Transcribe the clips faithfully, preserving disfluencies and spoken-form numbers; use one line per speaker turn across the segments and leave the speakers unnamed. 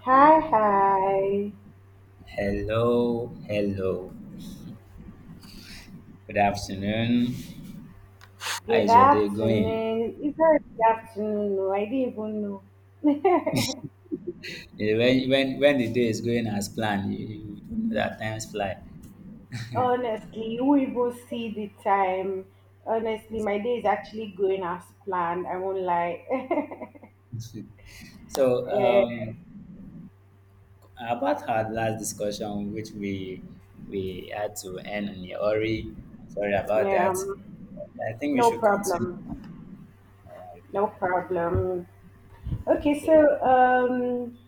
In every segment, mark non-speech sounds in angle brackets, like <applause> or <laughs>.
Hi, hi.
Hello, hello. Good afternoon. How
Good
is your day going?
afternoon. It's not good afternoon. No, I didn't even know.
Eh, When when when the day is going as planned, you, you don't know that times fly. <laughs>
Honestly, you won't even see the time. Honestly, my day is
Exactly.
actually going as planned. I won't lie. <laughs>
So
Eh,
um, about our last discussion, which we we had to end on Yori. Sorry about that.
um,
I think we
no
should continue.
problem. No problem. Okay, so um,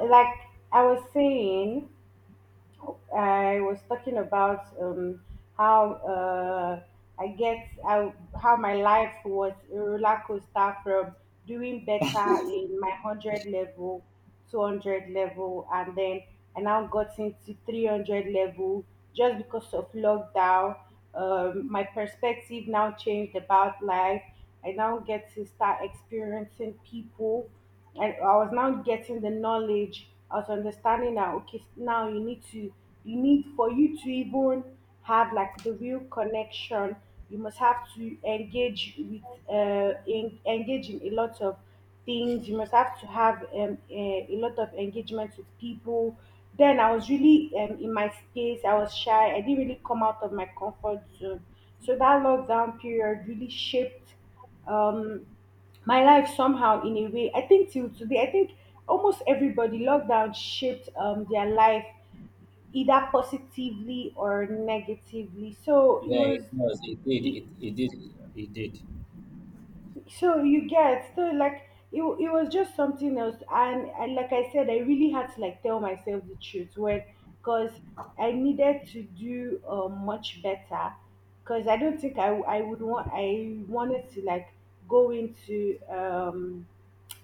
like I was saying. I was talking about um, how uh, I get how, how my life was a roller coaster from doing better in my one hundred level, two hundred level, and then I now got into three hundred level just because of lockdown. Um, my perspective now changed about life. I now get to start experiencing people, and I was now getting the knowledge. I was understanding that okay, now you need to you need, for you to even have like the real connection. You must have to engage with uh, in, engage in a lot of things. You must have to have um, a, a lot of engagement with people. Then I was really um, in my space. I was shy. I didn't really come out of my comfort zone. So that lockdown period really shaped um, my life somehow in a way, I think till today I think almost everybody, lockdown shaped um, their life either positively or negatively. so it
Yeah,
was
it was. It did.
it,
It, it did. It did.
so you get, so like it, wa- it was just something else. And, and like I said, I really had to like tell myself the truth, when because I needed to do uh, much better, because I don't think I, I would want I wanted to like go into um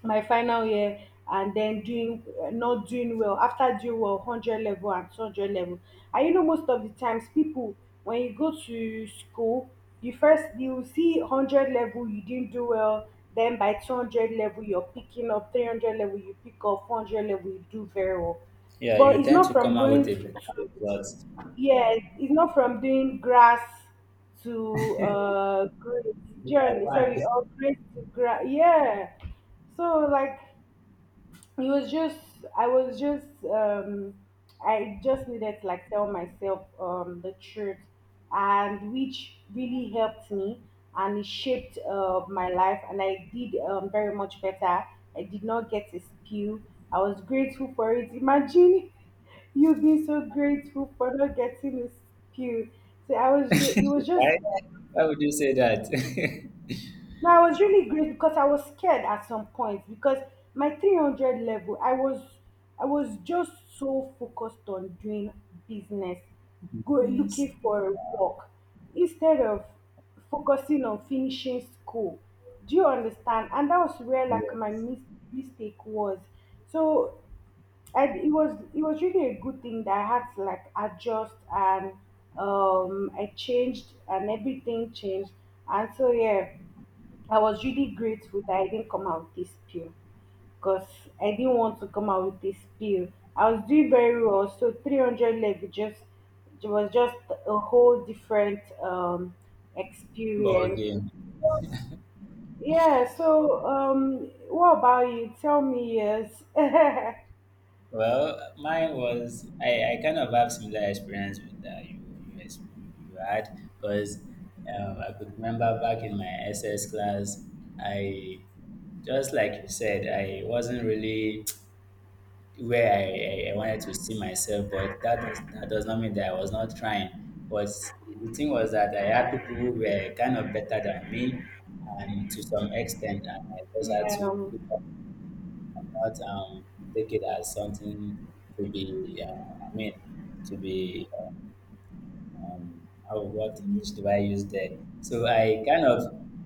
my final year and then doing uh, not doing well after doing well one hundred level and two hundred level. And you know, most of the times, people, when you go to school, you first, you see one hundred level, you didn't do well, then by two hundred level you're picking up, three hundred level you pick up, four hundred level you do very well.
Yeah,
But
you
it's
tend
not
to
from
come out with
going
a better
to,
result. <laughs>
yeah, it's not from doing grass to uh grade journey, sorry,
Okay.
or grade to grass, yeah. So like, it was just, I was just, um I just needed to like tell myself um the truth, and which really helped me, and it shaped uh, my life, and I did um, very much better. I did not get a spill. I was grateful for it. Imagine, <laughs> you being so grateful for not getting a spill. So i was ju- it was just,
Why? Why would you say that? <laughs>
no, I was really great because I was scared at some point, because my three hundred level, I was I was just so focused on doing business, go,
Yes.
looking for a work instead of focusing on finishing school. Do you understand? And that was where like my
Yes.
mis- mistake was. So, and it was it was really a good thing that I had to like adjust, and um I changed and everything changed. And so yeah, I was really grateful that I didn't come out with this pill, because I didn't want to come out with this pill. I was doing very well, so three hundred leg, just, it was just a whole different um
Ball
experience.
game.
Yeah, so um what about you? Tell me. Yes. <laughs> Yeah,
Well, mine was I, I kind of have similar experience with that you you ex- you had because um, I could remember back in my S S class. I just like you said, I wasn't really where I, I, I wanted to see myself, but that does, that does not mean that I was not trying. But the thing was that I had people who were kind of better than me, and to some extent, and I just had to
um,
keep up and not um, take it as something to be, uh, I mean, to be, um, how, what image do I use there? So I kind of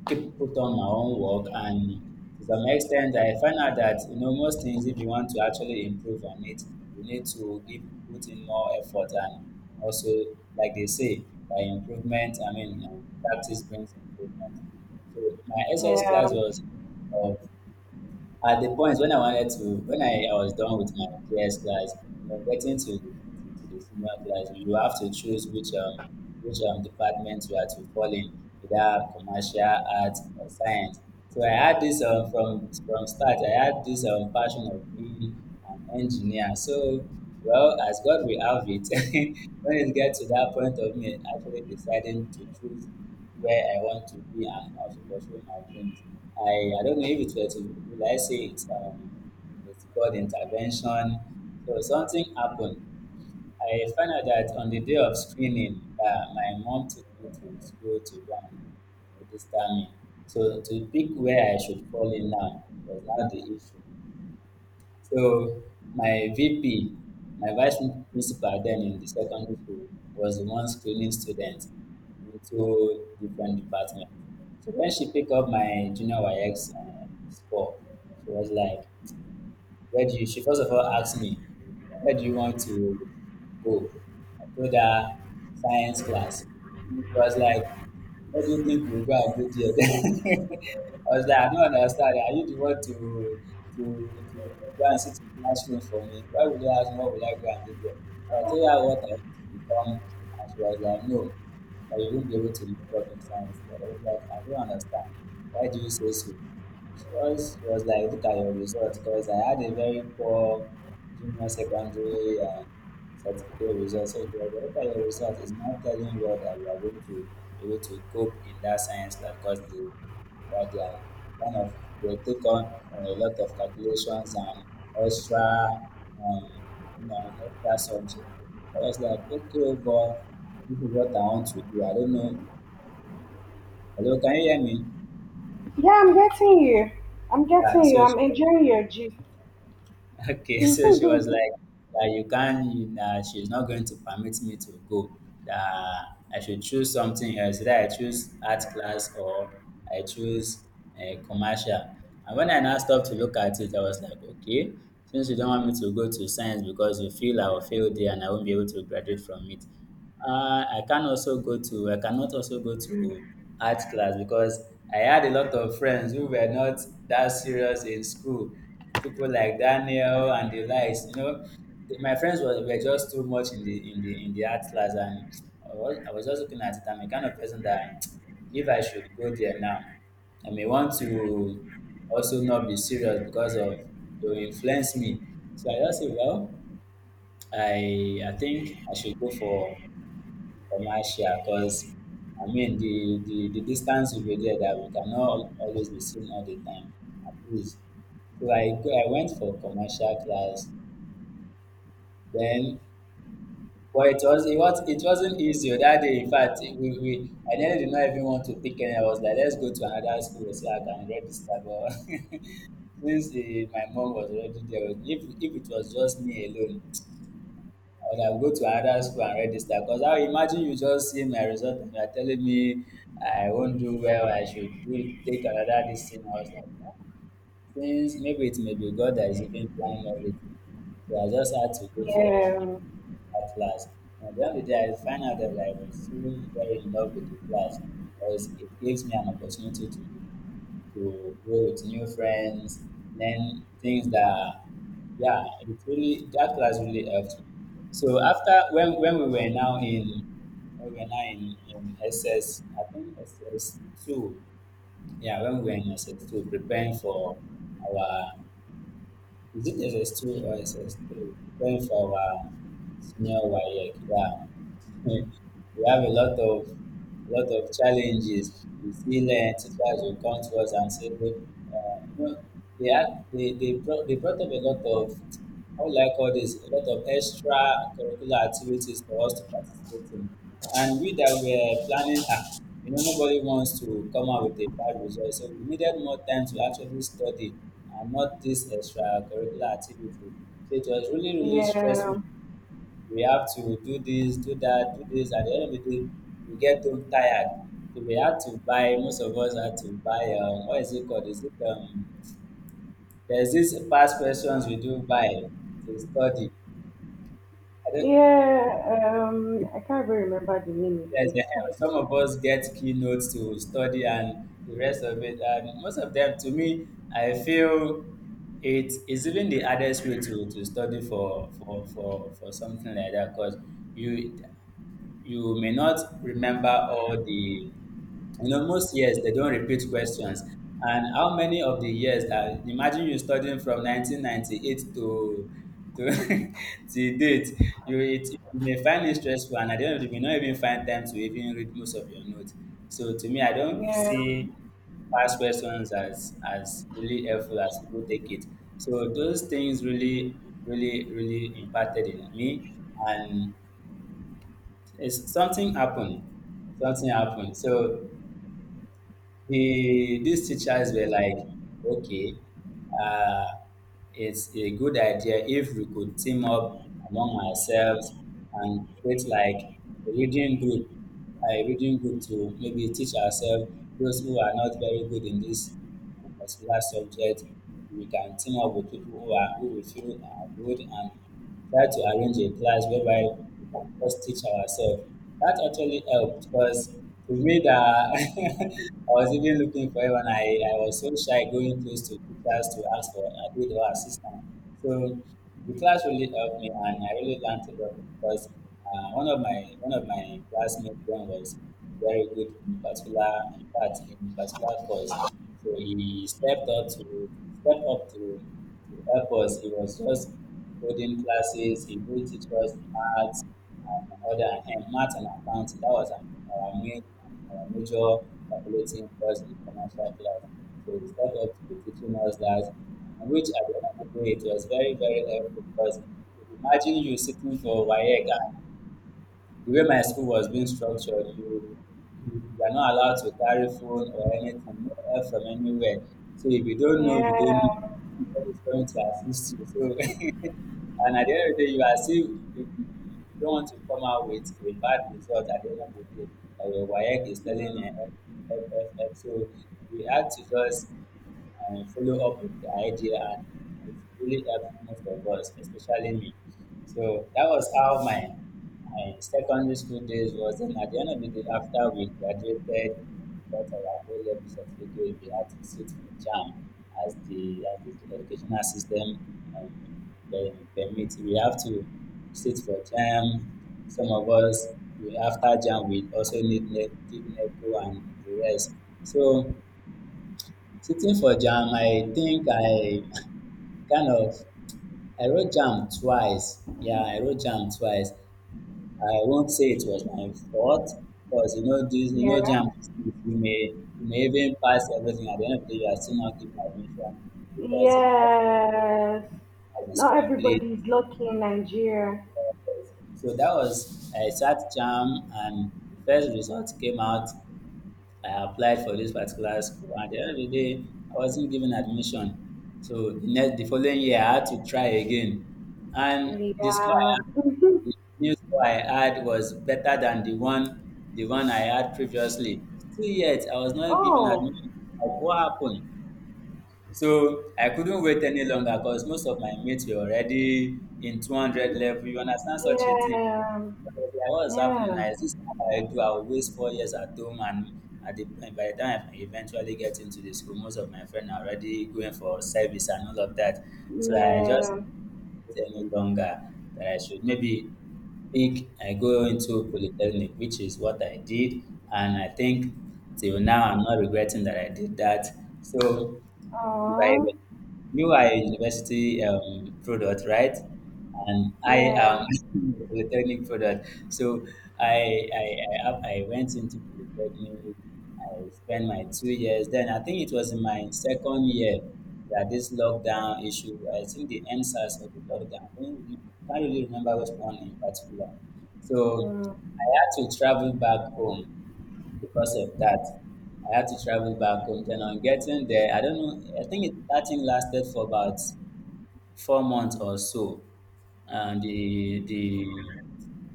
keep put on my own work, and to some extent, I find out that you know most things, if you want to actually improve on it, you need to give put in more effort, and also, like they say, by improvement, I mean um, practice brings improvement. So my S S
yeah.
class was of at the point when I wanted to, when I, I was done with my P S class. You know, getting to, to, to the senior class, you have to choose which um which um department you are to fall in, either commercial, arts, or science. So I had this um from from start. I had this um passion of being an engineer. So well, as God will have it, <laughs> when it gets to that point of me actually deciding to choose where I want to be and also pursuing my dreams. I, I don't know if it were to, will I say it's, um, it's God intervention. So something happened. I found out that on the day of screening, uh, my mom took me to school to go and register me. So to pick where I should fall in now was not the issue. So my V P, my vice principal then in the secondary school was the one screening students into different departments. So when she picked up my junior Y X uh, score, she was like, where do you, she first of all asked me, where do you want to go? I told her science class. She was like, what do you think you go and do there? <laughs> I was like, I don't understand. Are you the one to to to go and sit in classroom for me? Why would you ask me what would I go and do there? So I told her what I want to become and she was like, no, but you won't be able to make up in science. I was like, I don't understand. Why do you say so? It was, it was like, look at your results, because I had a very poor junior secondary and certificate results. So it was, look at your results. It's not telling you that you are going to be able to cope in that science lab because they, that they are kind of, they take on uh, a lot of calculations and extra, um, you know, extra subject. So I was like, okay, but this is what I want to do. I don't know. Hello, can you hear me?
Yeah, I'm getting you. I'm
Yeah,
getting
so
you.
she
I'm
was
enjoying your gist.
okay, <laughs> so she was like, that you can't, you- that she's not going to permit me to go, that I should choose something else, either I choose art class or I choose a commercial. And when I now stopped to look at it, I was like, okay, since you don't want me to go to science because you feel I will fail there and I won't be able to graduate from it, uh, I can also go to I cannot also go to art class because I had a lot of friends who were not that serious in school. People like Daniel and the likes, you know, the- my friends were, were just too much in the in the in the art class, and I was, I was just looking at it. I'm the kind of person that <tsk> if I should go there now, I may want to also not be serious because of they will influence me. So I just say, well, I I think I should go for commercial because I mean the, the, the distance will be there that we cannot always be seen all the time at least. So I go, I went for commercial class. Then but it was it was it wasn't easy that day. In fact, we, we I nearly did not even want to pick any. I was like, let's go to another school so I can register. But <laughs> since eh, my mom was already there, if if it was just me alone, or I will go to another school and register because I imagine you just see my result and you are telling me I won't do well, I should do, take another this thing. I was like, "Ah, since maybe it may be God that is even planning everything." So I just had to go for
Yeah,
that class. And at the end of the day, I find out that I was so very in love with the class because it gives me an opportunity to to go with new friends, learn things that, yeah, it really that class really helped me. So after when when we were now in when we were now in, in S S, I think S S two, yeah, when we were in S S two, preparing for our is it S S two or S S three, preparing for our senior Y E C, yeah. <laughs> We have a lot of a lot of challenges. We still uh, teachers will come to us and say, uh, you know, they had they they brought they brought up a lot of how will I call this a lot of extra curricular activities for us to participate in, and we that were planning ah, you know, nobody wants to come out with a bad result, so we needed more time to actually study and not this extracurricular activity. So it was really, really
yeah,
stressful we have to do this, do that, do this. At the end of the day, we get too tired. So we had to buy. Most of us had to buy. Um, what is it called? Is it um? There's this past questions we do buy to study. I don't.
yeah. Um, I can't even remember the name
Yes, eh,
again.
some of us get keynotes to study, and the rest of it. And most of them, to me, I feel it is even the hardest way to, to study for, for, for, for something like that because you you may not remember all the in almost years, they don't repeat questions. And how many of the years that imagine you studying from nineteen ninety-eight to to, <laughs> to date, you, it, you may find it stressful, and at the end of the day, you may not even find time to even read most of your notes. So to me, I don't
Yeah,
see past questions as as really helpful as people take it. So those things really, really, really impacted in me, and it's something happened something happened. So the these teachers were like, okay, uh, it's a good idea if we could team up among ourselves and create like a reading group, a reading group to maybe teach ourselves those who are not very good in this uh, particular subject. We can team up with people who are who we feel are good and try to arrange a class whereby we can just teach ourselves. That actually helped because to me that <laughs> I was even looking for it when I, I was so shy going close to teachers to ask for a aid or assistance. So the class really helped me and I really learned a lot because uh, one of my one of my classmates then was very good in particular in fact in particular course. So he stepped up to stepped up to to help us, it was just coding classes. He would teach us maths and other and maths and accounting. That was our our main our major calculating course in commercial class. So he started up to with teaching us that, and which at the end of the day, it was very, very helpful because imagine you sitting for WAEC and the way my school was being structured, you you are not allowed to carry phone or anything, no help from anywhere. So if you don't know, you don't know.
yeah,
Nobody is going to assist you. So, <laughs> and at the end of the day, you are still, you you don't want to come out with a bad result at the end of the day. Like your WAEC is telling you, help,
mm,
help, help, help. So we had to just and follow up with the idea, and it really helped most of us, especially me. So that was how my and secondary school days was. Then at the end of the day, after we graduated, got our O level certificate, we had to sit for JAMB as the, as the educational system um, per- permits. We have to sit for JAMB. Some of us, we, after JAMB, we also need ne- did NECO and the rest. So sitting for JAMB, I think I <laughs> kind of, I wrote jam twice. Yeah, I wrote jam twice. I won't say it was my fault, because you know this, you know
yeah.
jam. You may you may even pass everything. At the end of the day, you are still not given admission because the class
Yes.
size is
Not
complete.
everybody is lucky in Nigeria.
So that was, I sat jam, and the first result came out. I applied for this particular school, and at the end of the day, I wasn't given admission. So the next, the following year, I had to try again, and the score
Yeah.
I had,
<laughs>
the new score I had, was better than the one the one I had previously. Still yet, I was not given
Oh,
admission. Like, what happened? So I couldn't wait any longer, because most of my mates were already in two hundred level. You understand such a thing?
yeah,
Like, what is happening
yeah,
now? Is this how I do? I will waste four years at home, and at the, by the time I eventually get into the school, most of my friends are already going for service and all of that. So I just
yeah.
waited any longer that I should maybe think I go into polytechnic, which is what I did, and I think till now I'm not regretting that I did that. So you are a,
Oh,
you are a university um, product, right? And I
yeah.
am <laughs> a polytechnic product. So I, I, I, up- I went into polytechnic. I spent my two years. Then I think it was in my second year that this lockdown issue. I think the N SAS of the lockdown. I don't re- Can't really remember which one in particular. So
Mm.
I had to travel back home because of that. I had to travel back home. Then on getting there, I don't know. I think it, that thing lasted for about four months or so. And the the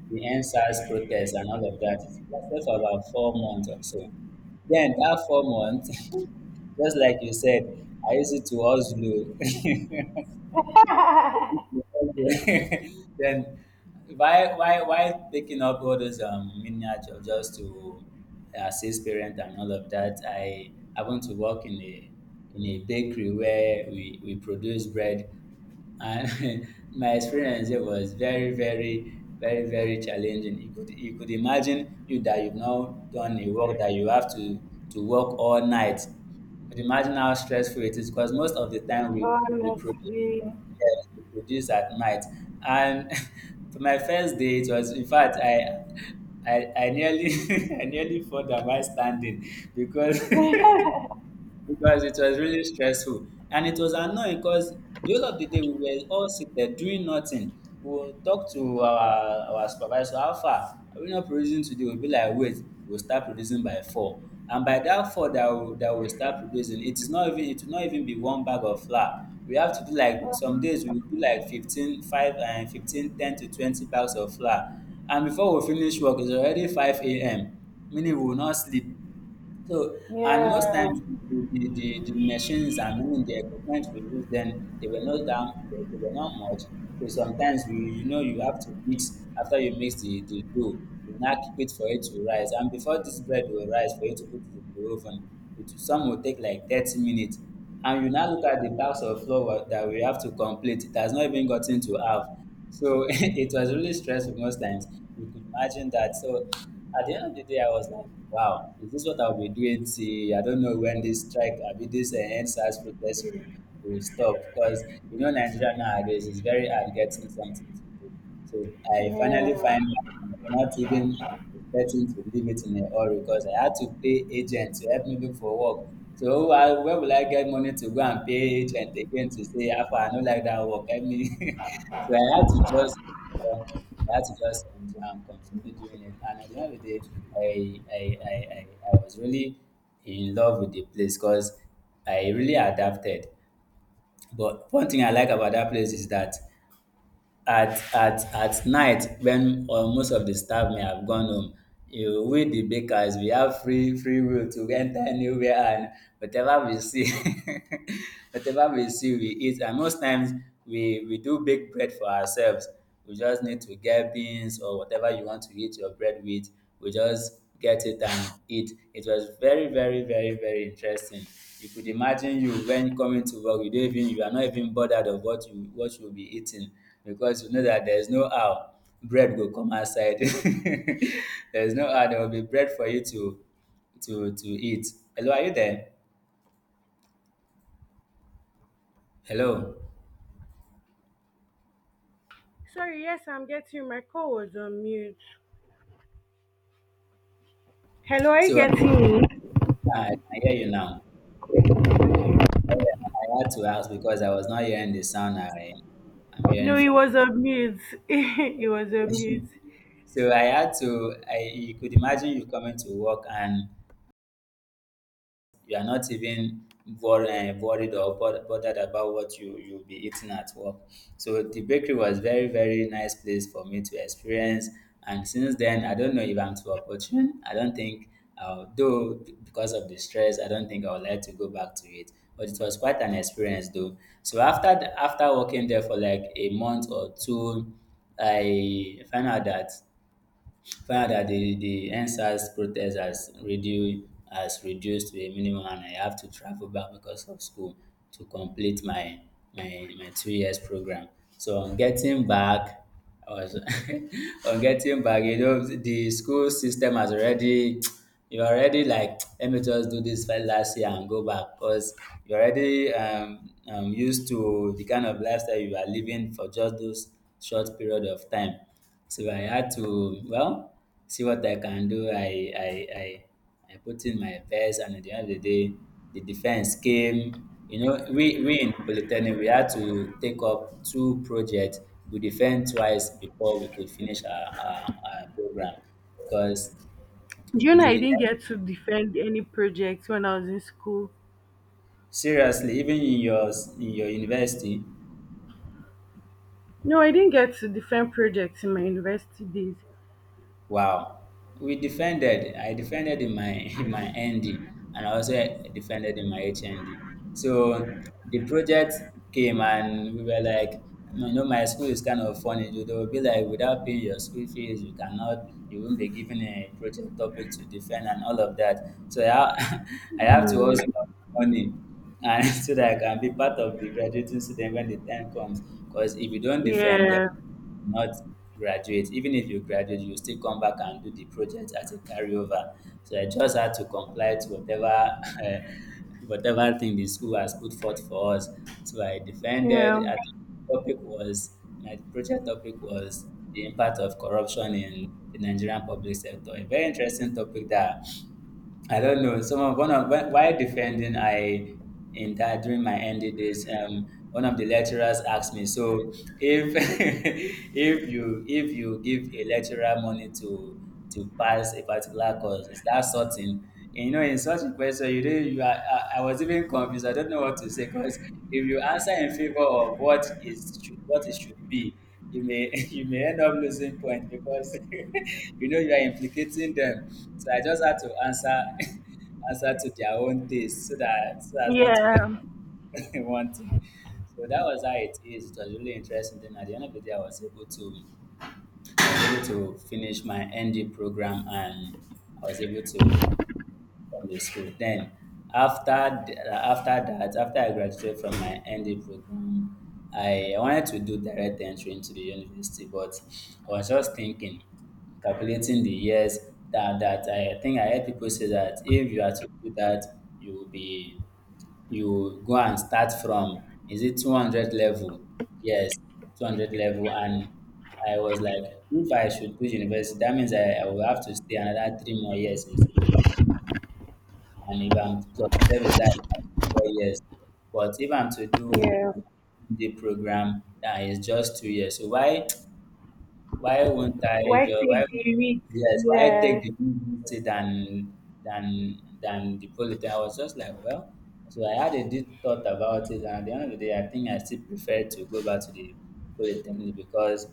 the NSAS protest and all of that, it lasted for about four months or so. Then that four months, <laughs> just like you said, I used it to hustle. <laughs> <laughs> Then why why why picking up all those um miniature just to uh, assist parents and all of that? I I want to work in a in a bakery where we, we produce bread. And <laughs> my experience there was very, very, very, very challenging. You could you could imagine you that you've now done a work that you have to to work all night. You could imagine how stressful it is, because most of the time we we produce,
Honestly.
yes, we produce at night. And <laughs> to my first day, it was in fact, i i, I nearly <laughs> I nearly fell down while standing, because <laughs> because it was really stressful. And it was annoying because the whole of the day we were all seated doing nothing. We will talk to our our supervisor, how far are we not producing today? We will be like, wait, we will start producing by four. And by that four that we that we will start producing, it is not even, it will not even be one bag of flour we have to do. Like some days we will do like fifteen five and fifteen ten to twenty bags of flour. And before we finish work, it's already five a m, meaning we will not sleep. So, and most
Yeah,
times the, the, the, the machines and even the equipment we use then, they were not down, they, they were not much. So sometimes you you know you have to mix. After you mix the, the dough, you now keep it for it to rise. And before this bread will rise, for you to put it in the oven, it, some will take like thirty minutes. And you now look at the bags of flour that we have to complete. It has not even gotten to half. So <laughs> it was really stressful most times. You could imagine that. So at the end of the day, I was like, wow, is this what I'll be doing? See, I don't know when this strike, I mean, this uh, end-size protest will, will stop. Because, you know, Nigeria nowadays is very hard getting something to do. So I finally
yeah.
find out, not even expecting to leave it in a hurry, because I had to pay agent to help me look for work. So who I, where will I get money to go and pay agent again to say, Alpha, I don't like that work, help me. <laughs> So I had to just, uh, I had to just enjoy and continue doing it. And at the end of the day, I, I, I, I, I was really in love with the place because I really adapted. But one thing I like about that place is that at at at night when um most of the staff may have gone home, um we the bakers, we have free free will to enter anywhere and whatever we see, <laughs> whatever we see we eat. And most times we we do bake bread for ourselves. We just need to get beans or whatever you want to eat your bread with. We just get it and eat. It was very, very, very, very interesting. You could imagine you, when coming to work, you don't even, you are not even bothered of what you what you'll be eating, because you know that there's no how bread will come outside. <laughs> There's no how there will be bread for you to to to eat. Hello, are you there? Hello.
Sorry, yes, I'm getting you. My call was on mute. Hello, are you
So uh,
getting me?
I can hear you now. I had to ask because I was not hearing the sound I am
No,
hearing
it
from.
was on mute. <laughs> It was on mute.
<laughs> So I had to. I, you could imagine you coming to work and you are not even worried, worried or bot- bothered about what you you'll be eating at work. So the bakery was very, very nice place for me to experience. And since then, I don't know if I'm too opportune. I don't think, uh, though, b- because of the stress, I don't think I would like to go back to it. But it was quite an experience, though. So after the, after working there for like a month or two, I found out that Find that the, the NSAS protest has reduced, has reduced to a minimum, and I have to travel back because of school to complete my, my, my two years program. So on getting back, I was <laughs> on getting back, you know, the school system has already, <tsk> you're already like, let me just do this first last year and go back because you're already um, um, used to the kind of lifestyle you are living for just those short period of time. So I had to, well, see what I can do. I, I, I, I put in my best, and at the end of the day, the defense came. You know, we, we in Polytechnic, we had to take up two projects. We defend twice before we could finish our, our, our program because
Do you know I
the
didn't get to defend any projects when I was in school?
seriously, even in your in your university,
No, I didn't get to defend projects in my university days.
wow, we defended. I defended in my <laughs> in my N D, and I also defended in my H N D. So the project came and we were like, you know, my school is kind of funny. They will be like, without paying your school fees, you cannot, you won't be given a project topic to defend and all of that. So I, ha- <laughs> I have to also have
Mm,
money and <laughs> so that I can be part of the graduating student when the time comes. Because if you don't defend,
yeah,
not graduate. Even if you graduate, you still come back and do the project as a carryover. So I just had to comply to whatever <laughs> eh, whatever thing the school has put forth for us. So I
yeah,
defended. I think the topic was, my project topic was, the impact of corruption in the Nigerian public sector. A very interesting topic that I don't know. Someone, one of wh- while defending, I in that during my N D days, um, one of the lecturers asked me, so if <laughs> if you if you give a lecturer money to to pass a particular course, is that sorting? And, you know, in such a question, you didn't. You are, I, I was even confused. I don't know what to say because if you answer in favor of what is should- what it should be, you may <laughs> you may end up losing point because <laughs> you know you are implicating them. So I just had to answer <laughs> answer to their own taste so that so as not to get
yeah,
<laughs> one thing. So that was how it is. It was really interesting. Then at the end of the day, I was able to I was able to finish my N D program, and I was able to from the school. Then after th- uh, after that, after I graduated from my N D program, I wanted to do direct entry into the university, but I was just thinking, calculating the years that that I think I heard people say that if you are to do that, you will be you go and start from is it two hundred level? Yes, two hundred level. And I was like, if I should do university, that means I, I will have to stay another three more years in school. And if I'm to service, that's like four years. But if I'm to do
yeah.
the program, that is just two years. So why why won't I
Why
just why
take the risk?
yes, why take
Yeah,
the university than than than the polytech? I was just like, well, so I had a deep thought about it, and at the end of the day I think I still prefer to go back to the polytechnic because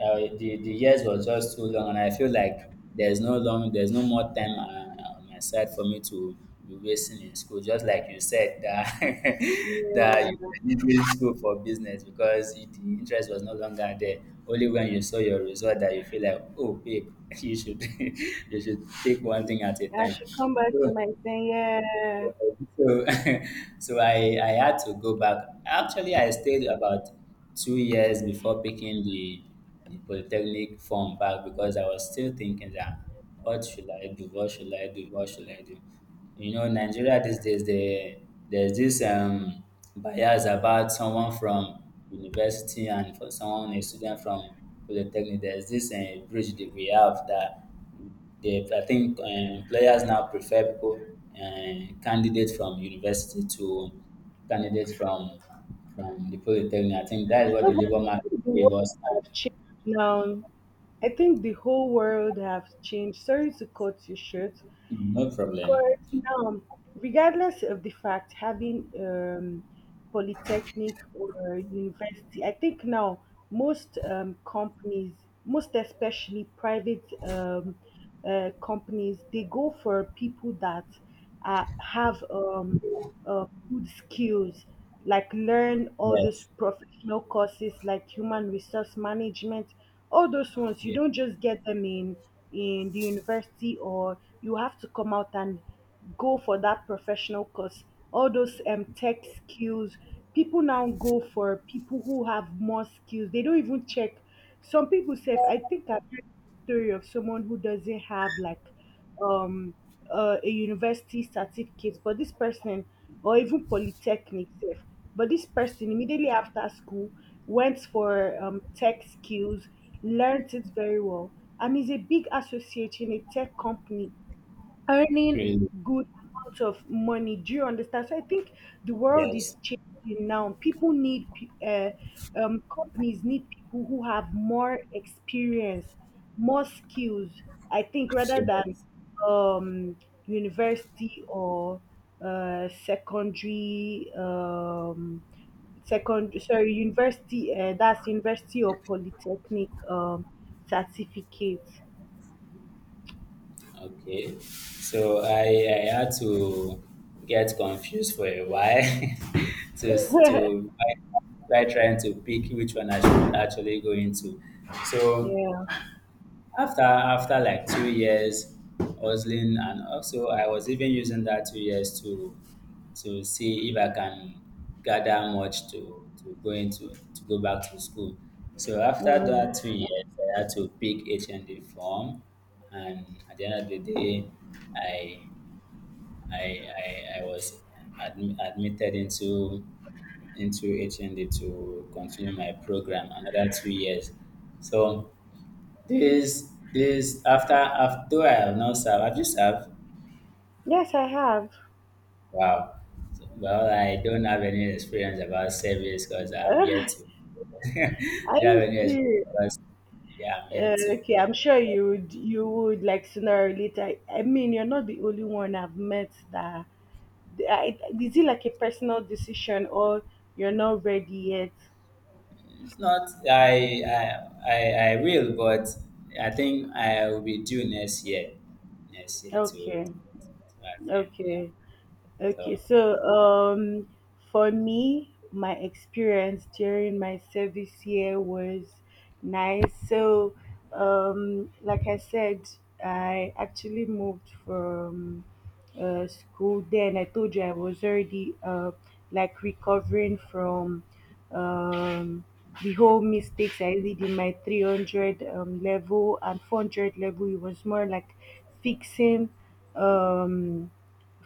uh, the, the years was just too long, and I feel like there's no long there's no more time uh, on my side for me to be wasting in school. Just like you said that <laughs> that
yeah.
you were leaving school for business because the interest was no longer there. Only when you saw your result that you feel like, oh babe, <laughs> you should <laughs> you should take one thing at a
I
time.
should come back to
So
my thing. Yeah.
so, <laughs> so I, I had to go back. Actually, I stayed about two years before picking the, the polytechnic form back because I was still thinking that what should I do? What should I do? What should I do? you know Nigeria these days, they there's this um bias about someone from university, and for someone a student from polytechnic there's this uh, bridge that we have that they I think uh, employers now prefer people, uh, candidates from university to candidates from from the polytechnic. I think that is what
No,
the
but
labor
I
market
think the world
favors now.
have changed now. I think the whole world have changed. Sorry to cut you short,
No problem.
but now, regardless of the fact having um, polytechnic or university, I think now most um, companies, most especially private um, uh, companies, they go for people that uh, have um, uh, good skills, like learn all those
Yes.
professional courses like human resource management. All those ones you
Yeah.
don't just get them in in the university, or you have to come out and go for that professional course, all those um, tech skills. People now go for people who have more skills. They don't even check. Some people say, I think I've heard story of someone who doesn't have like um uh, a university certificate, but this person, or even polytechnic sef, but this person immediately after school went for um, tech skills, learnt it very well, and is a big associate in a tech company earning
Really.
good amounts of money. Do you understand? So I think the world is
Yes.
changing now. People need, pe- uh, um, companies need people who have more experience, more skills, I think, rather than
Yes.
um, university or uh, secondary, um, second sorry university uh, that's university or polytechnic um certificate.
Okay, so I, I had to get confused for a while <laughs> to
<laughs>
to try trying to pick which one I should actually go into. So
Yeah.
after after like two years hustling, and also I was even using that two years to to see if I can gather much to to go into to go back to school. So after that two
Mm.
years I had to pick H N D form, and at the end of the day i i i, I was admi- admitted into into H N D to continue my program another two years. So this this after after though I have not served. Have you served?
Yes, I have.
Wow. Well, I don't have any experience about service because
<laughs>
I'm yet
I
to. <laughs> I don't
used
have any experience
to.
about. Yeah, I'm
Uh,
yet to.
okay, I'm sure you would. You would, like, sooner or later. I mean, you're not the only one I've met that. I, is it like a personal decision, or you're not ready yet?
If not, I I I, I will, but I think I will be due next year. Next year to,
Okay,
to attend. Yeah.
okay, okay.
So.
So, um, for me, my experience during my service year was nice. So, um, like I said, I actually moved from uh, school. Then I told you I was already uh, like recovering from um, the whole mistakes I did in my three hundred um, level and four hundred level. It was more like fixing um,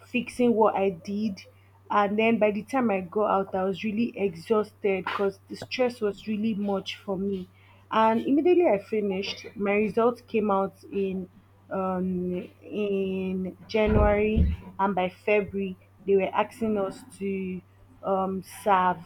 fixing what I did. And then by the time I got out, I was really exhausted because the stress was really much for me. And immediately I finished, my results came out in um in January, and by February they were asking us to um serve.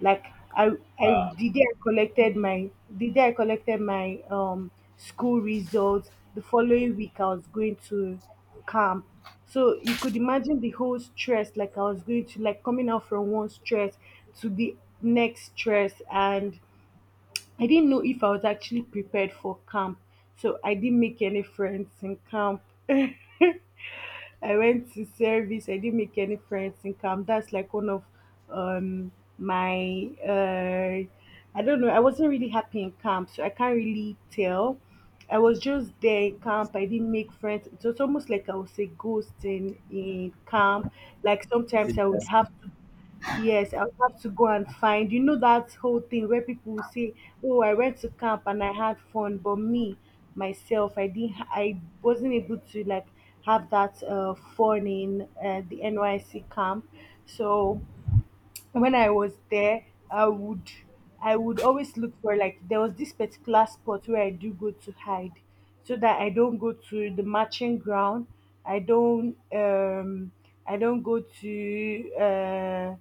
Like I I
Wow.
the day I collected my the day I collected my um school results, the following week I was going to camp. So you could imagine the whole stress, like I was going to, like coming out from one stress to the next stress. And I didn't know if I was actually prepared for camp. So I didn't make any friends in camp. <laughs> I went to service. I didn't make any friends in camp. That's like one of um my uh I don't know. I wasn't really happy in camp, so I can't really tell. I was just there in camp. I didn't make friends. It was almost like I was a ghost in in camp. Like sometimes I would
Seriously.
have to, yes, I would have to go and find. You know that whole thing where people will say, "Oh, I went to camp and I had fun," but me, myself, I didn't. ha- I wasn't able to like have that uh, fun in uh, the N Y C camp. So when I was there, I would, I would always look for, like there was this particular spot where I do go to hide, so that I don't go to the marching ground. I don't um I don't go to uh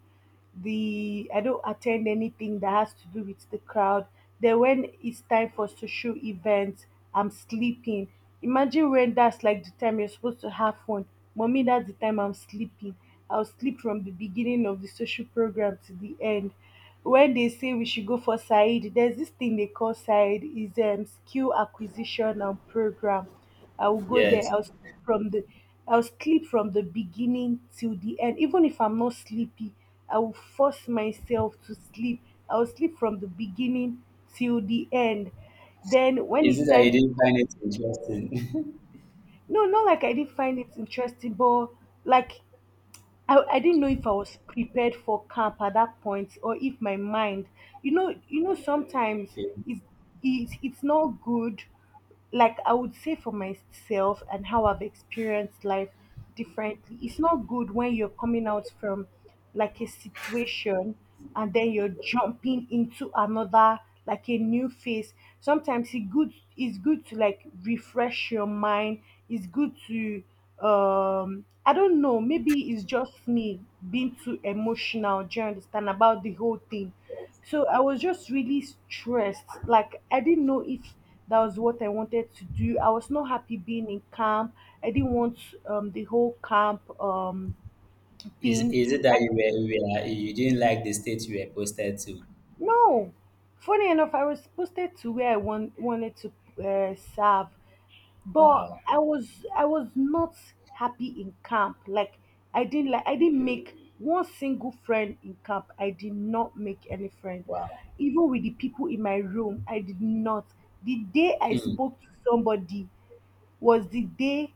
the I don't attend anything that has to do with the crowd. Then when it's time for social events, I'm sleeping. Imagine, when that's like the time you're supposed to have fun, Mommy, that's the time I'm sleeping. I'll sleep from the beginning of the social program to the end. When they say we should go for Said, there's this thing they call Said, is um skill acquisition and program. I will go there.
Yes.
I'll sleep from the, I'll sleep from the beginning till the end. Even if I'm not sleepy, I will force myself to sleep. I'll sleep from the beginning till the end. Then when
Is
it's
it that you
time,
didn't find it interesting?
no, not like I didn't find it interesting, but like I, I didn't know if I was prepared for camp at that point, or if my mind, you know, you know
<laughs>
sometimes
Okay.
it's, it's, it's not good, like I would say, for myself and how I've experienced life differently, it's not good when you're coming out from like a situation and then you're jumping into another, like a new phase. Sometimes it's good, it's good to like refresh your mind. It's good to um I don't know, maybe it's just me being too emotional, do you understand, about the whole thing. So I was just really stressed. Like I didn't know if that was what I wanted to do. I was not happy being in camp. I didn't want um, the whole camp um,
Is
thing.
is it that
Like,
you were you were like, you didn't like the state you were posted to?
no. Funny enough, I was posted to where I want, wanted to uh, serve, but
Wow.
i was i was not happy in camp. Like I didn't like, I didn't make one single friend in camp. I did not make any friend,
Wow.
even with the people in my room. I did not. The day I
Hmm.
spoke to somebody was the day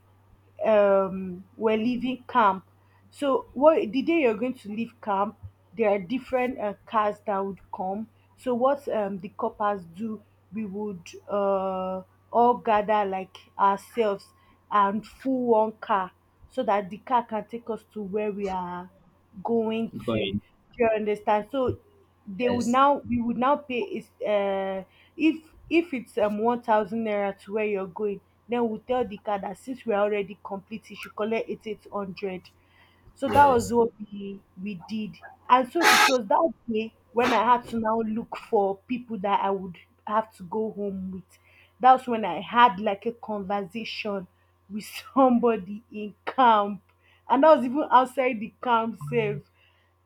um we're leaving camp. So what, the day you're going to leave camp, there are different uh, cars that would come. So what um the coppers do, we would uh all gather like ourselves and full one car so that the car can take us to where we are going to.
Going.
Do you understand? So they would
Yes,
now we would now pay is uh if if it's um one thousand naira to where you're going, then we'll tell the car that since we're already complete you should collect eight 800. So that was
yes.
what we we did. And so it was that day when I had to now look for people that I would have to go home with. That's when I had like a conversation with <laughs> somebody in camp. And that was even outside the camp safe.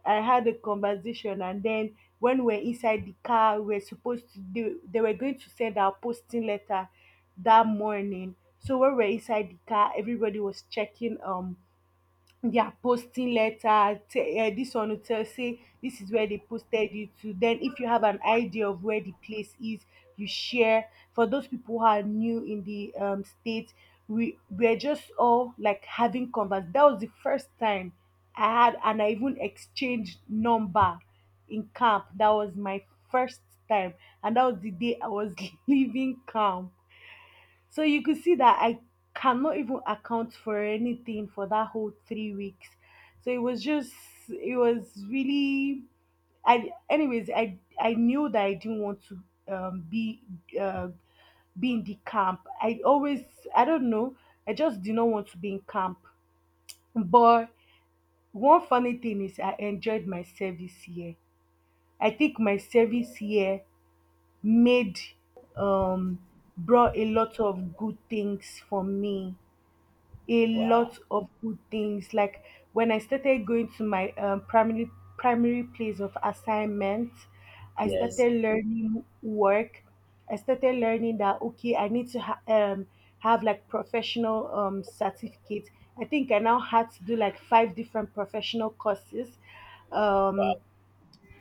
I had a conversation, and then when we were inside the car, we are supposed to, they, they were going to send our posting letter that morning. So when we are inside the car, everybody was checking um they are posting letter te- uh, This one will tell, say this is where they posted you to, then if you have an idea of where the place is you share, for those people who are new in the um state. We we're just all like having converse. That was the first time I had, and I even exchanged number in camp. That was my first time, and that was the day I was <laughs> leaving camp. So you could see that I cannot even account for anything for that whole three weeks. So it was just, it was really, I, anyways, I I knew that I didn't want to um, be uh, be in the camp. I always, I don't know, I just did not want to be in camp. But one funny thing is I enjoyed my service year. I think my service year made, um brought a lot of good things for me, a
Wow.
lot of good things. Like when I started going to my um, primary primary place of assignment, I
Yes.
started learning work. I started learning that okay, I need to ha- um, have like professional um, certificate. I think I now had to do like five different professional courses. Um,
Wow.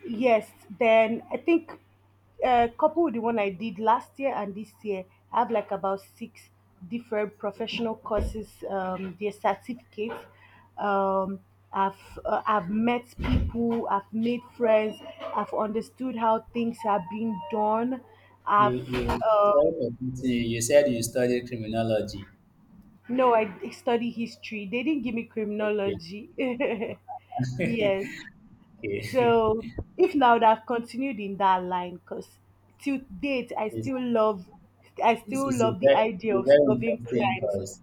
Yes, then I think, uh, couple with the one I did last year and this year, I have like about six different professional courses, um, their certificates. Um, I've uh, I've met people, I've made friends, I've understood how things are being done. I've
You you sorry
um,
for putting you. You said you studied criminology.
no, I study history. They didn't give me
Okay.
criminology. <laughs> Yes.
Okay.
So if now that have continued in that line, because till date I
<laughs> it's,
still love, I
it's,
still
it's a
love the
very it's
idea
a
of
very
solving
interesting
crimes.
course.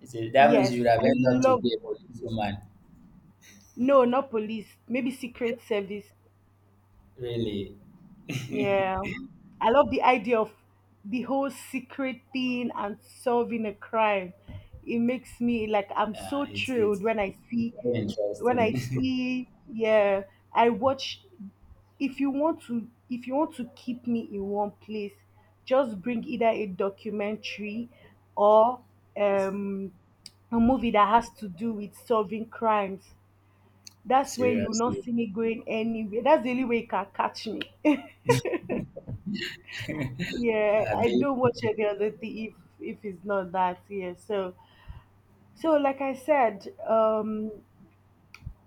It's a, that means
Yes,
you would have
I
ended up to
love.
be a policewoman.
No, not police. Maybe secret service.
Really.
Yeah, I love the idea of the whole secret thing and solving a crime. It makes me like I'm
Yeah.
so
It's it's
thrilled when I see
very
when
interesting.
I see, yeah, I watch, if you want to, if you want to keep me in one place, just bring either a documentary or um a movie that has to do with solving crimes.
<laughs>
That's when you will not
Seriously.
see
<laughs>
me going anywhere. That's the only way you can catch me. <laughs> Yeah, I
Abi,
don't watch any other thing, if if it's not that. Yeah. So, so like I said, um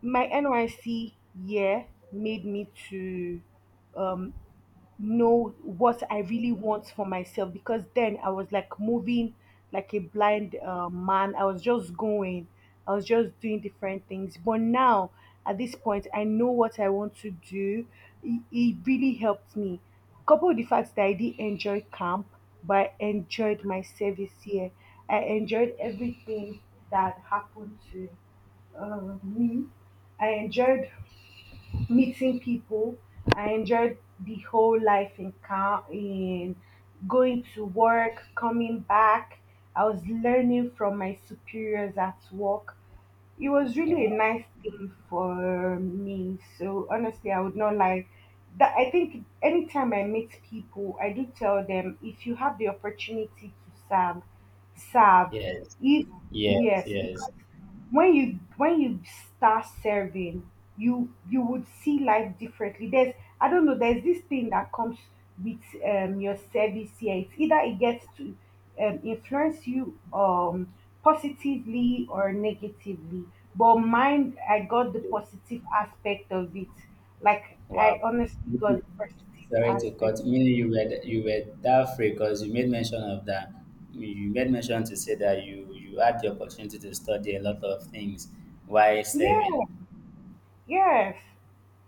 my nyc year made me to um know what I really want for myself, because then I was like moving like a blind uh, man. I was just going, I was just doing different things. But now at this point, I know what I want to do. It, it really helped me. Couple with the fact that I did enjoy camp, but I enjoyed my service here. I enjoyed everything that happened to uh, me. I enjoyed meeting people. I enjoyed the whole life in ca- in going to work, coming back. I was learning from my superiors at work. It was really a nice day for me. So honestly, I would not lie. That I think anytime I meet people, I do tell them, if you have the opportunity to serve, serve.
yes.
If,
Yes,
yes,
yes.
because when you when you start serving, you you would see life differently. There's, I don't know. There's this thing that comes with um your service here. It's either it gets to um, influence you um, positively or negatively. But mine, I got the positive aspect of it. Like
Wow.
I honestly got the positive
Sorry to
aspect.
cut. Meaning you were you were that free because you made mention of that. You made mention to say that you you had the opportunity to study a lot of things while
Yeah.
serving.
Yes,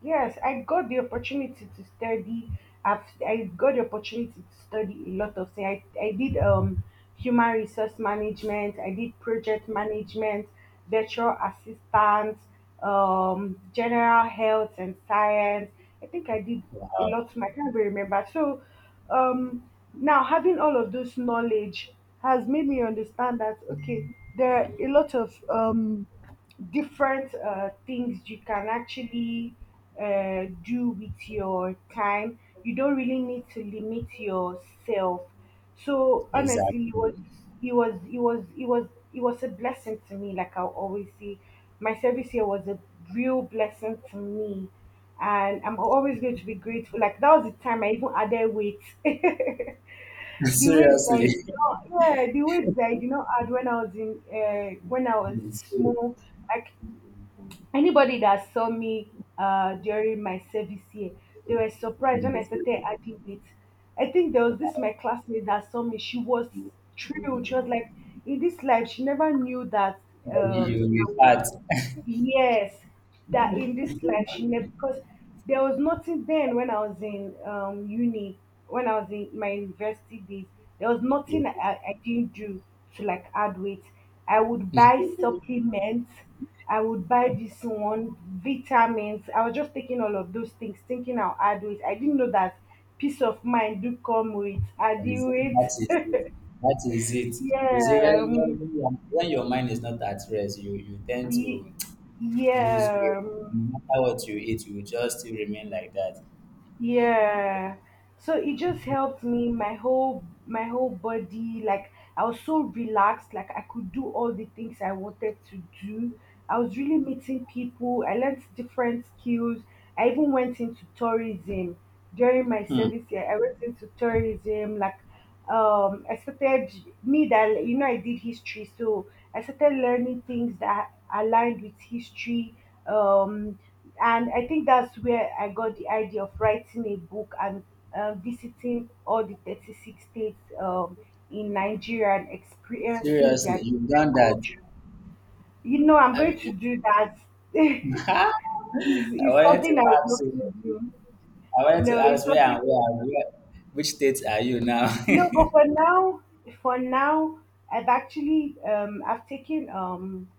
yes, I got the opportunity to study. I've, I got the opportunity to study a lot of things. I, I did um human resource management. I did project management, virtual assistant, um general health and science. I think I did a
Um,
lot. I can't really remember. So, um, now having all of this knowledge has made me understand that okay, there are a lot of um different uh, things you can actually uh, do with your time. You don't really need to limit yourself. So honestly, it
exactly.
was it was it was it was it was a blessing to me. Like I always say, my service here was a real blessing to me, and I'm always going to be grateful. Like that was the time I even added weight. <laughs>
<laughs>
The weight that I
Seriously.
did not, yeah, the weight that I did not add when I was in, uh, when I was
Yes, yes.
small, like anybody that saw me uh, during my service year, they were surprised when I
You
started adding weight. I think there was this my classmate that saw me. She was thrilled. She was like, in this life, she never knew that um,
you be fat. <laughs>
yes, that in this life she never, because there was nothing then when I was in um uni, when I was in my university days, there was
Yes,
nothing I, I didn't do to like add weight. I would buy supplements, I would buy this one, vitamins. I was just taking all of those things, thinking I'll add weight. I didn't know that peace of mind do come with
yes,
adding weight.
that is it. That is it. You see,
Yeah,
when, when,
um,
when your when your mind is not at rest, you, you tend
ye-
to lose weight.
yeah. um,
No matter what you eat, you will just still remain like that.
Yeah. So it just helped me, my whole my whole body. Like I was so relaxed, like I could do all the things I wanted to do. I was really meeting people. I learned different skills. I even went into tourism during my
Hmm.
service year. I went into tourism, like um I started, me that you know I did history, so I started learning things that aligned with history. Um, and I think that's where I got the idea of writing a book and uh, visiting all the thirty-six states um, in Nigeria and experiencing
Seriously,
their
you've
different
done that.
culture. You know, I'm
Have
going to
you?
do that. <laughs> it's,
<laughs> I
it's
wanted to
something I would love
ask
to
you.
do.
I wanted to
No, it's
ask where
something.
and where, and where which states are you now?
No, but
<laughs>
for now, for now, I've actually um I've taken um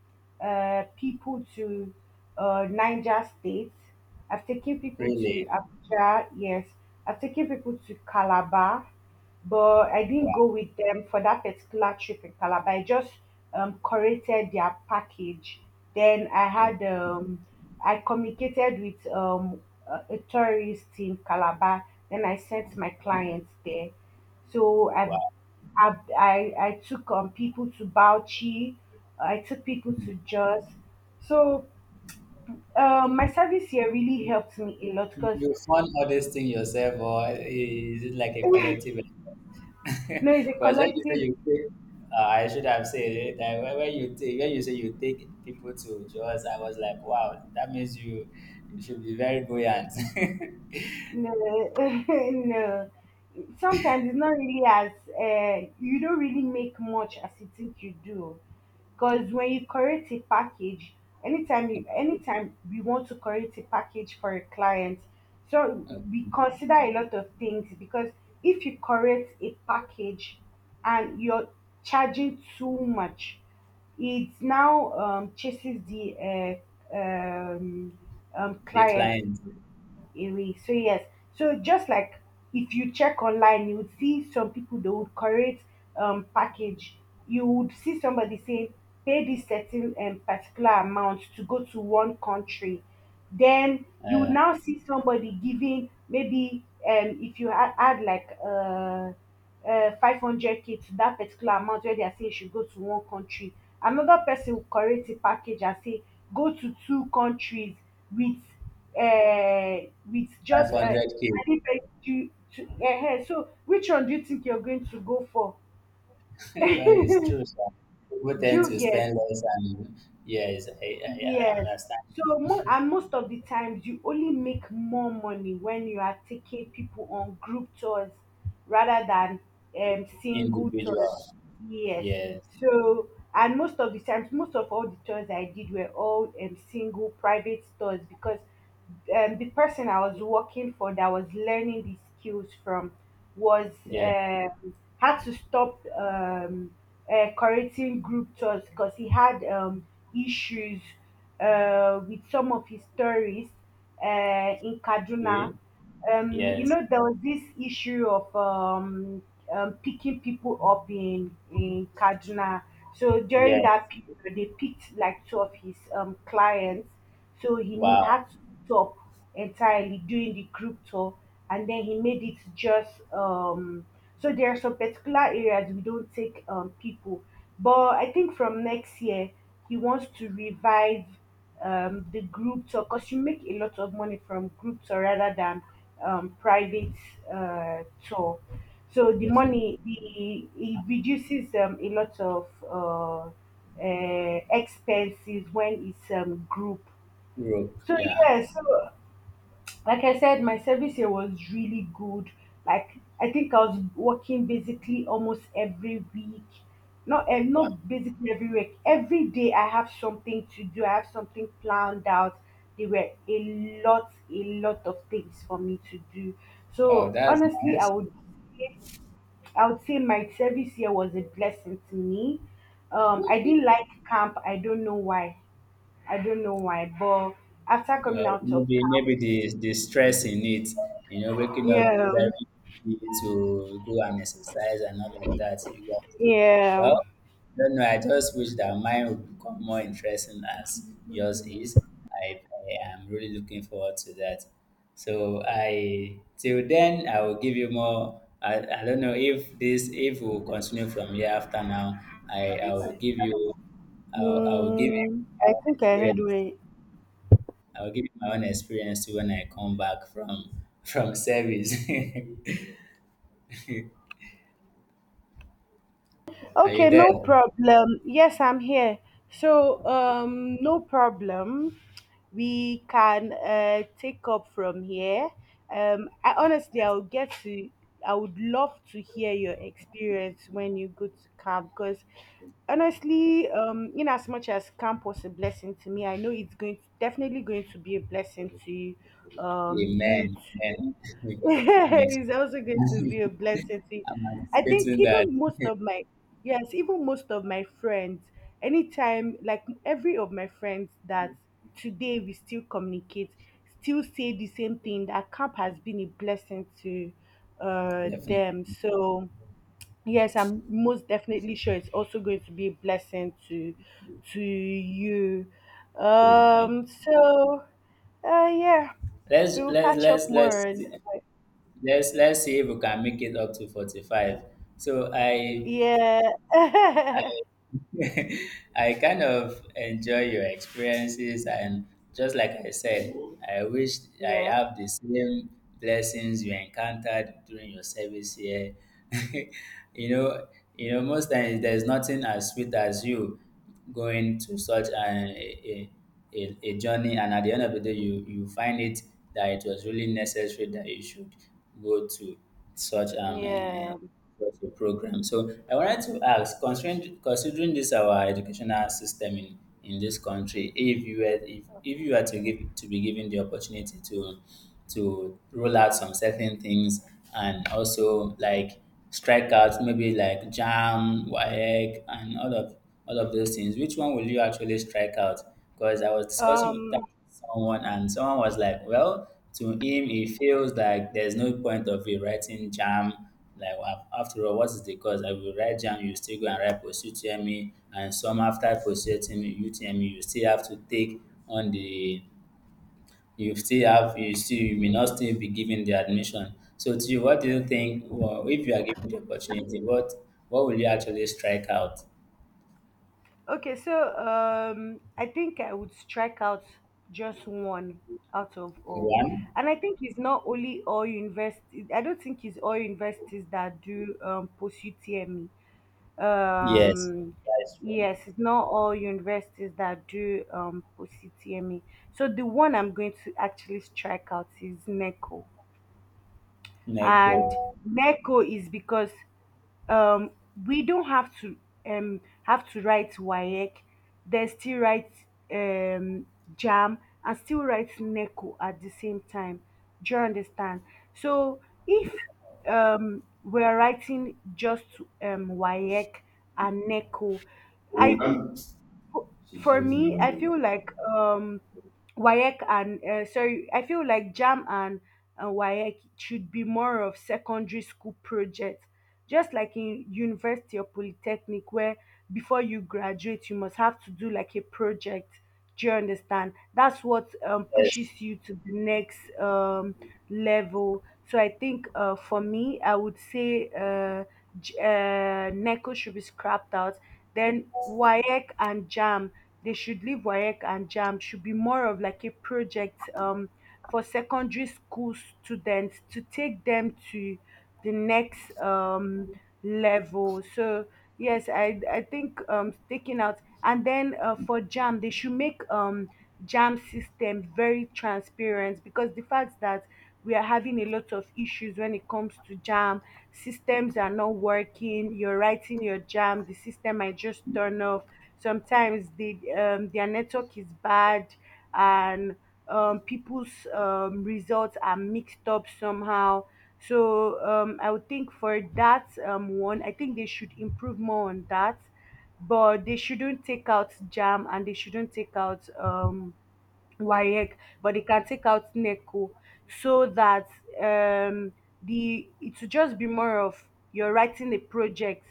uh people to uh Niger State. I've taken people to
Really?
Abuja, yes. I've taken people to Calabar, but I didn't
Wow.
go with them for that particular trip in Calabar. I just um curated their package. Then I
Oh.
had um I communicated with um a a tourist in Calabar. Then I sent my clients there, so I,
Wow.
I, I, I took um, people to Bauchi, I took people to Jos. So um, my service here really helped me a lot,
You,
because
you fund all this thing yourself, or is it like a collective? <laughs>
you know, it's a
Because when you say
collective.
you take, uh, I should have said it. That when when you take, when you say you take people to jaws, I was like, wow, that means you, you should be very buoyant. <laughs>
No, <laughs> no. Sometimes it's not really as uh, you don't really make much as you think you do. Because when you create a package, anytime you anytime we want to create a package for a client, so we consider a lot of things. Because if you create a package and you're charging too much, it now um, chases the uh, um, um,
The
clients
client,
a reach. So yes, so just like, if you check online, you would see some people they would create um package. You would see somebody saying pay this certain um, particular amount to go to one country. Then you would
uh,
now see somebody giving, maybe um if you add, add like uh uh five hundred k to that particular amount where they are saying you should go to one country. Another person will create a package and say go to two countries with uh, with just uh,
five hundred k.
adding pay- to, to, uh, hey, so which one do you think you're going to go for?
<laughs> Well, it's true, sir. People
Do
tend
you
to
get?
spend less, and yes, I, I, I
Yes.
understand.
So mo- and most of the times you only make more money when you are taking people on group tours rather than um single tours.
Individual,
Yes.
yes,
So and most of the times, most of all the tours I did were all um single private tours, because um the person I was working for, that was learning the skills from, was
yes,
um, had to stop um, uh, correcting group chats because he had um, issues uh, with some of his stories uh, in Kaduna.
eh,
Um, you
yes,
know, there was this issue of um, um, picking people up in in Kaduna. So during
yes.
that period, they picked like two of his um, clients, so he ne-
Wow,
had to stop entirely doing the group tour, and then he made it just. Um, So there are some particular areas we don't take um, people, but I think from next year he wants to revive um, the group tour, because you make a lot of money from group tour rather than um, private uh, tour. So the
definitely.
money the it reduces um, a lot of. Uh, uh, expenses when it's um, group.
Europe,
So
yeah.
yeah, so like I said, my service here was really good. Like, I think I was working basically almost every week. Not eh,
Wow.
not basically every week. Every day I have something to do. I have something planned out. There were a lot, a lot of things for me to do.
Wow,
So
that's
honestly, I
nice.
would say- I would say my service here was a blessing to me. Um, I didn't like camp. I don't know why. I don't know why, but after coming
Uh,
out of.
maybe maybe the the stress in it, you know, waking up
Yeah,
very early to go and exercise and all of that you guys do.
yeah.
Well, no, no, I just wish that mine would become more interesting as yours is. I, I am really looking forward to that. So I till then I will give you more. I, I don't know if this if we'll continue from here after now. I, I will
Mm,
give you I, will- I will give you
I
our
think I had
experience.
one.
I'll give you my own experience too when I come back from from service. <laughs> Are you
Okay,
there?
no problem. Yes, I'm here. So, um, no problem. We can uh, take up from here. Um, I honestly, I would get to. I would love to hear your experience when you go to camp, because honestly, um, in as much as camp was a blessing to me, I know it's going definitely going to be a blessing to um you
Amen.
too.
Amen.
<laughs>
I'm ex-
It's also going
<laughs>
to be a blessing to you.
I'm
I think
anticipating that.
even most of my Yes, even most of my friends, anytime, like every of my friends that today we still communicate, still say the same thing: that camp has been a blessing to uh,
Definitely.
them. So, yes, I'm most definitely sure it's also going to be a blessing to to you.
Amen.
Um, so, uh, yeah,
Let's
we will
let's
catch
let's
up more.
let's
And, uh,
let's let's see if we can make it up to forty five. So I
yeah, <laughs>
<laughs> I kind of enjoy your experiences, and just like I said, I wish I
yeah,
have the same blessings you encountered during your service here. <laughs> you know, you know, most times there's nothing as sweet as you going to such an, a, a, a a journey, and at the end of the day, you you find it that it was really necessary that you should go to such um. Uh,
yeah.
across the program. So I wanted to ask, considering considering this our educational system in, in this country, if you were if, if you were to give to be given the opportunity to to roll out some certain things, and also like strike out maybe like jam, WAEC, and all of all of those things, which one will you actually strike out? Because I was discussing with that
Um,
someone, and someone was like, well, to him, he feels like there's no point of you writing jam, like af- after all, what is the cause? I will write down, you still go and write post U T M E, and some after post U T M E U T M E, you still have to take on the, you still have, you still, you may not still be given the admission. So to you, what do you think, well, if you are given the opportunity, what, what will you actually strike out?
Okay, so um, I think I would strike out just one out of all.
One?
And I think it's not only all universities, I don't think it's all universities that do um, pursue T M E.
Yes,
Um,
that's true.
yes, it's not all universities that do um, pursue T M E. So the one I'm going to actually strike out is NECO.
Neko.
And NECO is because um we don't have to um have to write WAEC. They still write um JAM and still write NECO at the same time. Do you understand? So if um we're writing just um WAEC and NECO, I
Oh.
for me, I feel like um, Wayek and uh, sorry, I feel like Jam and uh, Wayek should be more of secondary school projects, just like in university or polytechnic, where before you graduate, you must have to do like a project. Do you understand? That's what um,
Yes.
pushes you to the next um, level. So I think uh, for me, I would say. Uh, J- uh, Neko should be scrapped out. Then Wayek and Jam, they should leave Wayek and Jam. Should be more of like a project um, for secondary school students, to take them to the next um, level. So yes, I I think um, taking out, and then uh, for Jam, they should make um, Jam system very transparent, because the fact that we are having a lot of issues when it comes to JAM, systems are not working, you're writing your JAM, the system might just turn off. Sometimes the um, their network is bad, and um, people's um, results are mixed up somehow. So um, I would think for that um, one, I think they should improve more on that, but they shouldn't take out jam and they shouldn't take out um WAEC, but they can take out NECO, so that um, the it will just be more of you're writing a project.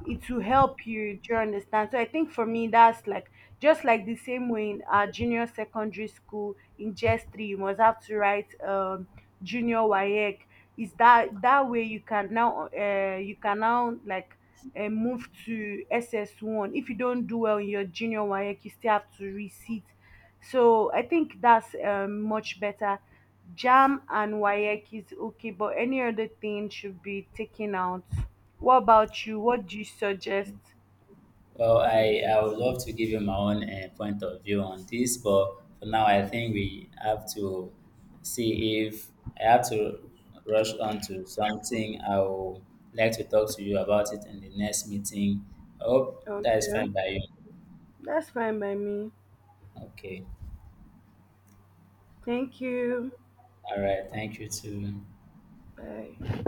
It will help you. Do you understand? So I think for me that's like, just like the same way in our junior secondary school, in G E S three you must have to write um, junior WAEC. Is that that way you can now uh, you can now like uh, move to S S one? If you don't do well in your junior WAEC you still have to resit, so I think that's um, much better. Jam and Wayek is okay, but any other thing should be taken out. What about you? What do you suggest?
Well, I, I would love to give you my own uh, point of view on this, but for now, I think we have to see if I have to rush on to something. I would like to talk to you about it in the next meeting. I hope that is
Okay,
fine by you.
that's fine by me.
Okay.
Thank you.
All right. Thank you too.
Bye.